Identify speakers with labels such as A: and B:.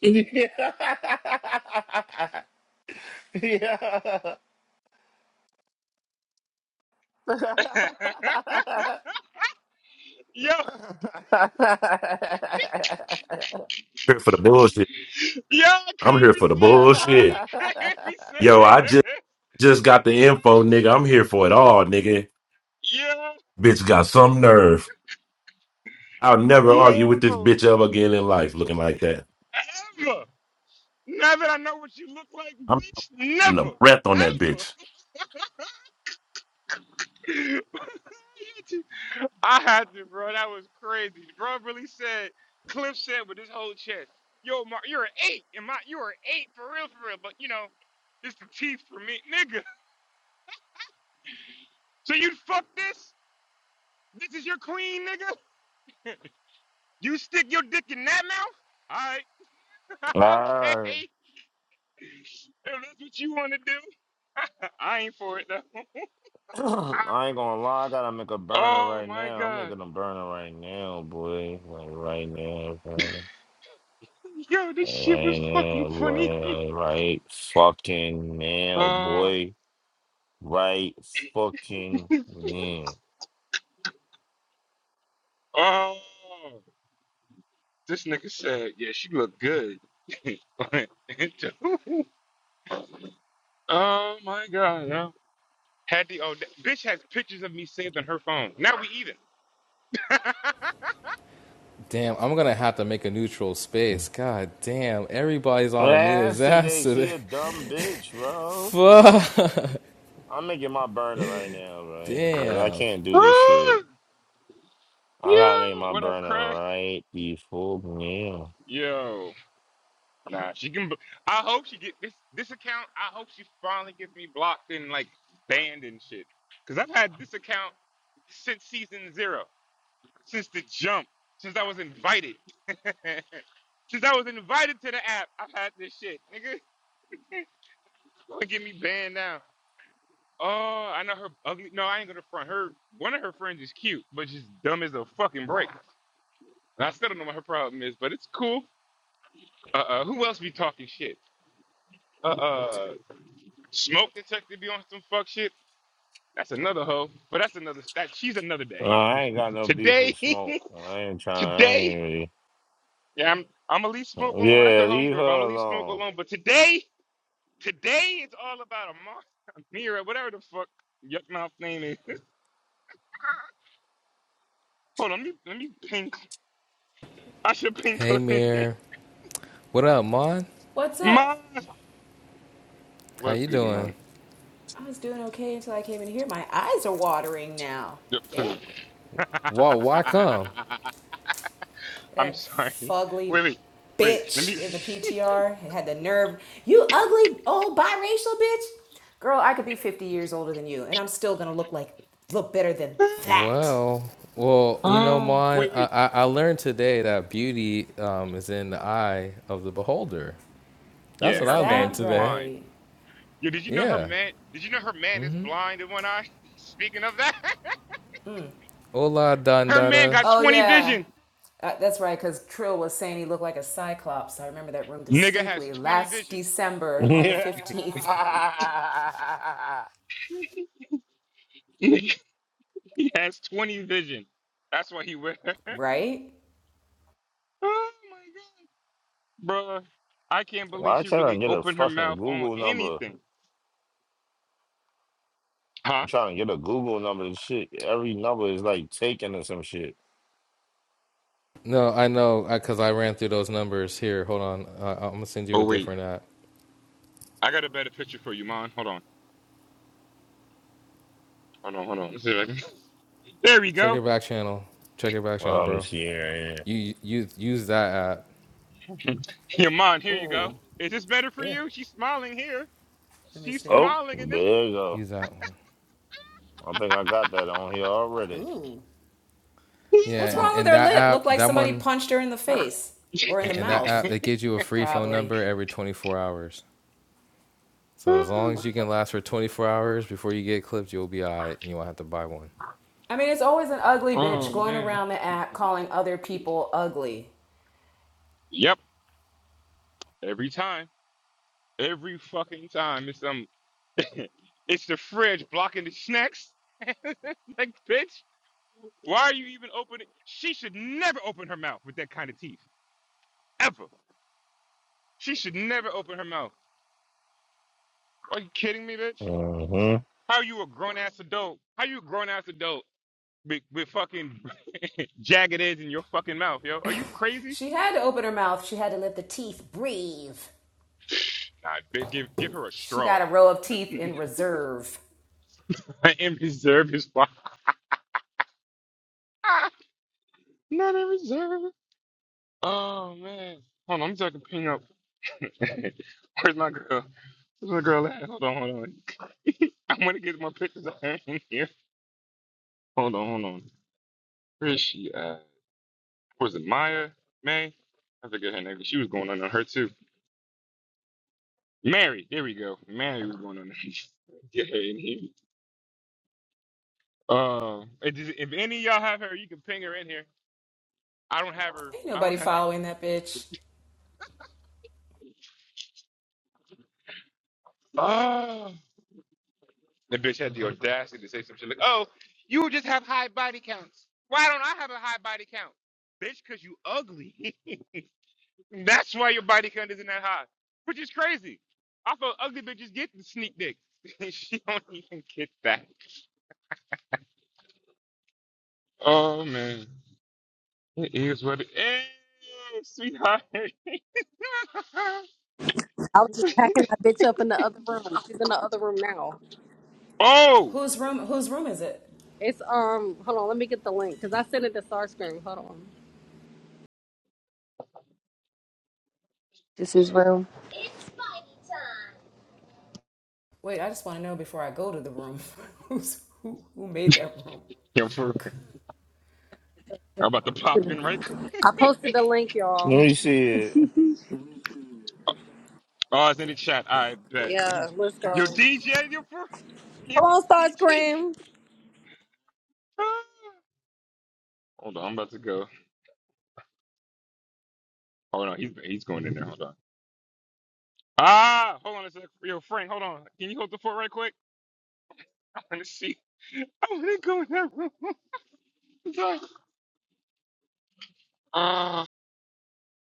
A: Yeah. yeah.
B: yo,
C: here for the bullshit.
B: yo, I
C: I'm
B: couldn't
C: here for the
B: resist, bro.
C: bullshit.
B: I couldn't resist.
C: Yo, I just just got the info, nigga. I'm here for it all, nigga.
B: Yo,
C: Bitch got some nerve. I'll never argue with this
B: yo,
C: bitch ever again in life looking like that.
B: ever. Now that I know what you look like,
C: I'm
B: bitch,
C: in the
B: never,
C: breath on that bitch.
B: ever. I had to, bro. That was crazy. Bro really said, Cliff said with his whole chest, yo, Mark, you're an eight. And my, you're an eight for real, for real. But, you know, it's the teeth for me. Nigga, so you fuck this? This is your queen, nigga? You stick your dick in that mouth? All right. okay.
A: Alright.
B: If that's what you want to do. I ain't for it, though.
A: I ain't gonna lie, I gotta make a burner
B: oh,
A: right
B: my
A: now. I'm
B: God.
A: making a burner right now, boy. Like right now, boy.
B: Yo, this
A: Like,
B: shit
A: right
B: was fucking
A: now,
B: funny.
A: boy. Like, right fucking now,
B: Oh,
A: boy. Right fucking now.
B: oh. This nigga said, yeah, she looked good. oh, my God. Yo. Had the, oh, that bitch has pictures of me saved on her phone. Now we even.
D: Damn, I'm gonna have to make a neutral space. God damn, everybody's on Amina's
A: Ass
D: ass
A: today, she
D: today.
A: a dumb bitch, bro.
D: Fuck.
A: I'm making my burner right now, right? Because I
D: Damn.
A: can't do this
B: Ah,
A: shit. I
B: Yo,
A: gotta make my
B: what up,
A: burner
B: Craig?
A: right before now.
B: Yo. Nah, she can. b- I hope she get this this account. I hope she finally gets me blocked and like banned and shit. Cause I've had this account since season zero, since the jump, since I was invited, since I was invited to the app. I've had this shit, nigga. Gonna get me banned now. Oh, I know her ugly. No, I ain't gonna front her. One of her friends is cute, but she's dumb as a fucking brick. And I still don't know what her problem is, but it's cool. Uh, uh who else be talking shit? Uh, uh. Smoke detector be on some fuck shit. That's another hoe, but that's another that she's another
A: No,
B: day.
A: I ain't got no beef
B: Today,
A: with smoke. I ain't trying. I
B: today,
A: ain't
B: yeah, I'm I'm gonna leave smoke
A: really.
B: alone. That's
A: Yeah,
B: her
A: leave her
B: homegirl, but I'm gonna leave smoke
A: alone.
B: alone. But today, today, it's all about a Mar- Amira, whatever the fuck yuck mouth name is. Hold on, let me let me pink. I should pink
D: Hey,
B: clip in.
D: Mir. What up, Mon?
E: What's
B: Mom,
E: up?
D: How
B: what's
D: you
B: good,
D: doing?
B: Iman?
E: I was doing okay until I came in here. My eyes are watering now.
B: Yep.
E: Ew.
D: Why, why come?
B: I'm
E: That
B: sorry.
E: fugly
B: Wait, wait, wait. Let me.
E: bitch in the PTR had the nerve. You ugly old biracial bitch. Girl, I could be 50 years older than you, and I'm still gonna look like look better than that.
D: Well, well, you know,
B: Ah,
D: Mon,
B: wait,
D: I,
B: wait.
D: I, I learned today that beauty um, is in the eye of the beholder. That's
B: Yeah,
D: what
E: Is
B: her
D: I
B: man
D: learned
E: that
B: is
D: today.
B: blind.
E: right?
B: Yo, did you know her
D: Yeah.
B: man? Did you know her man is blind in one eye? Speaking of that,
D: Hola,
B: her man
D: Dandara.
B: got
E: Oh
B: 20
E: yeah,
B: vision.
E: uh, that's right. Cause Trill was saying he looked like a cyclops. I remember that room
B: Nigga has
E: distinctly
B: 20
E: last
B: vision.
E: December on the 15th.
B: he has 20 vision. That's why he with her.
E: Right?
B: Oh my god, bro! I can't believe
A: Why I
B: she really
A: trying to get a
B: opened her
A: fucking
B: mouth on
A: Google number?
B: anything.
A: I'm
B: Huh?
A: trying to get a Google number and shit. Every number is like taken or some shit.
D: No, I know, because I, 'cause I ran through those numbers. Here, hold on. I, I'm gonna send you a
B: Oh wait,
D: different app.
B: I got a better picture for you, man. Hold on, hold on, hold on. Let's see if I can- There we
D: Check
B: go.
D: it back channel. Check it back channel,
A: Well, let me
D: bro.
A: see here. yeah.
D: You you use that app.
B: Your man. here you go.
E: Ooh.
B: Is this better for
E: Yeah.
B: you? She's smiling here.
E: Let me
B: She's
E: see.
A: Oh,
B: smiling in
A: there you go.
D: Use that one.
A: I think I got that on here already.
D: Yeah,
E: What's
D: and,
E: wrong with
D: and
E: her
D: that
E: lip?
D: app,
E: Looked like
D: that
E: somebody
D: one,
E: punched her in the face or in the
D: and, and that
B: this.
E: mouth,
D: app, it gives you a free phone
E: probably.
D: number every 24 hours. So as long as you can last for 24 hours before you get clipped, you'll be all right and you won't have to buy one.
E: I mean, it's always an ugly bitch
B: oh
E: going
B: man.
E: around the act calling other people ugly.
B: Yep. Every time. Every fucking time. It's um it's the fridge blocking the snacks. like, bitch, why are you even opening she should never open her mouth with that kind of teeth. Ever. She should never open her mouth. Are you kidding me, bitch?
A: Hmm.
B: How you a grown ass adult? How you a grown ass adult with, with fucking jagged edge in your fucking mouth, yo? Are you crazy?
E: She had to open her mouth, she had to let the teeth breathe.
B: Nah, bitch, give, give her a
E: She
B: straw
E: got a row of teeth in reserve.
B: and reserve his spot. Not reserve. Oh man. Hold on, let me see if I can ping up. Where's my girl? Where's my girl at? Hold on, hold on. I'm gonna get my pictures of her in here. Hold on, hold on. Where is she at? Was it Maya? May? I forget her name, but she was going on on her too. Mary, there we go. Mary was going on. get her Yeah, in here. Uh, if if any of y'all have her, you can ping her in here. I don't have her.
E: Ain't
B: I don't
E: nobody following that bitch.
B: have. The bitch had the audacity to say some shit like, "Oh, you just have high body counts. Why don't I have a high body count, bitch? Cause you ugly. That's why your body count isn't that high, which is crazy. I thought ugly bitches get the sneak dick. she don't even get that. Oh man, it is what it is, sweetheart.
F: I was just packing that bitch up in the other room. She's in the other room now.
B: oh,
E: Whose room whose room is it?
F: It's um, hold on, let me get the link because I sent it to Starscream. Hold on,
G: This is where
E: Wait, I just want to know before I go to the room. Who's who who made that room?
B: yo, for real. I'm about to pop in right. quick.
F: I posted the link, y'all.
A: Let me see
B: Oh, it's in the chat. I bet.
F: Yeah, let's go.
B: Yo, DJ, yo, for real. yo,
F: Come on,
B: DJ.
F: Starscream.
B: Hold on, I'm about to go. Hold on, he's he's going in there. Hold on. Ah, hold on a sec. Yo, Frank, hold on. Can you hold the fort right quick? I want to see. I want to go in that room. Ah.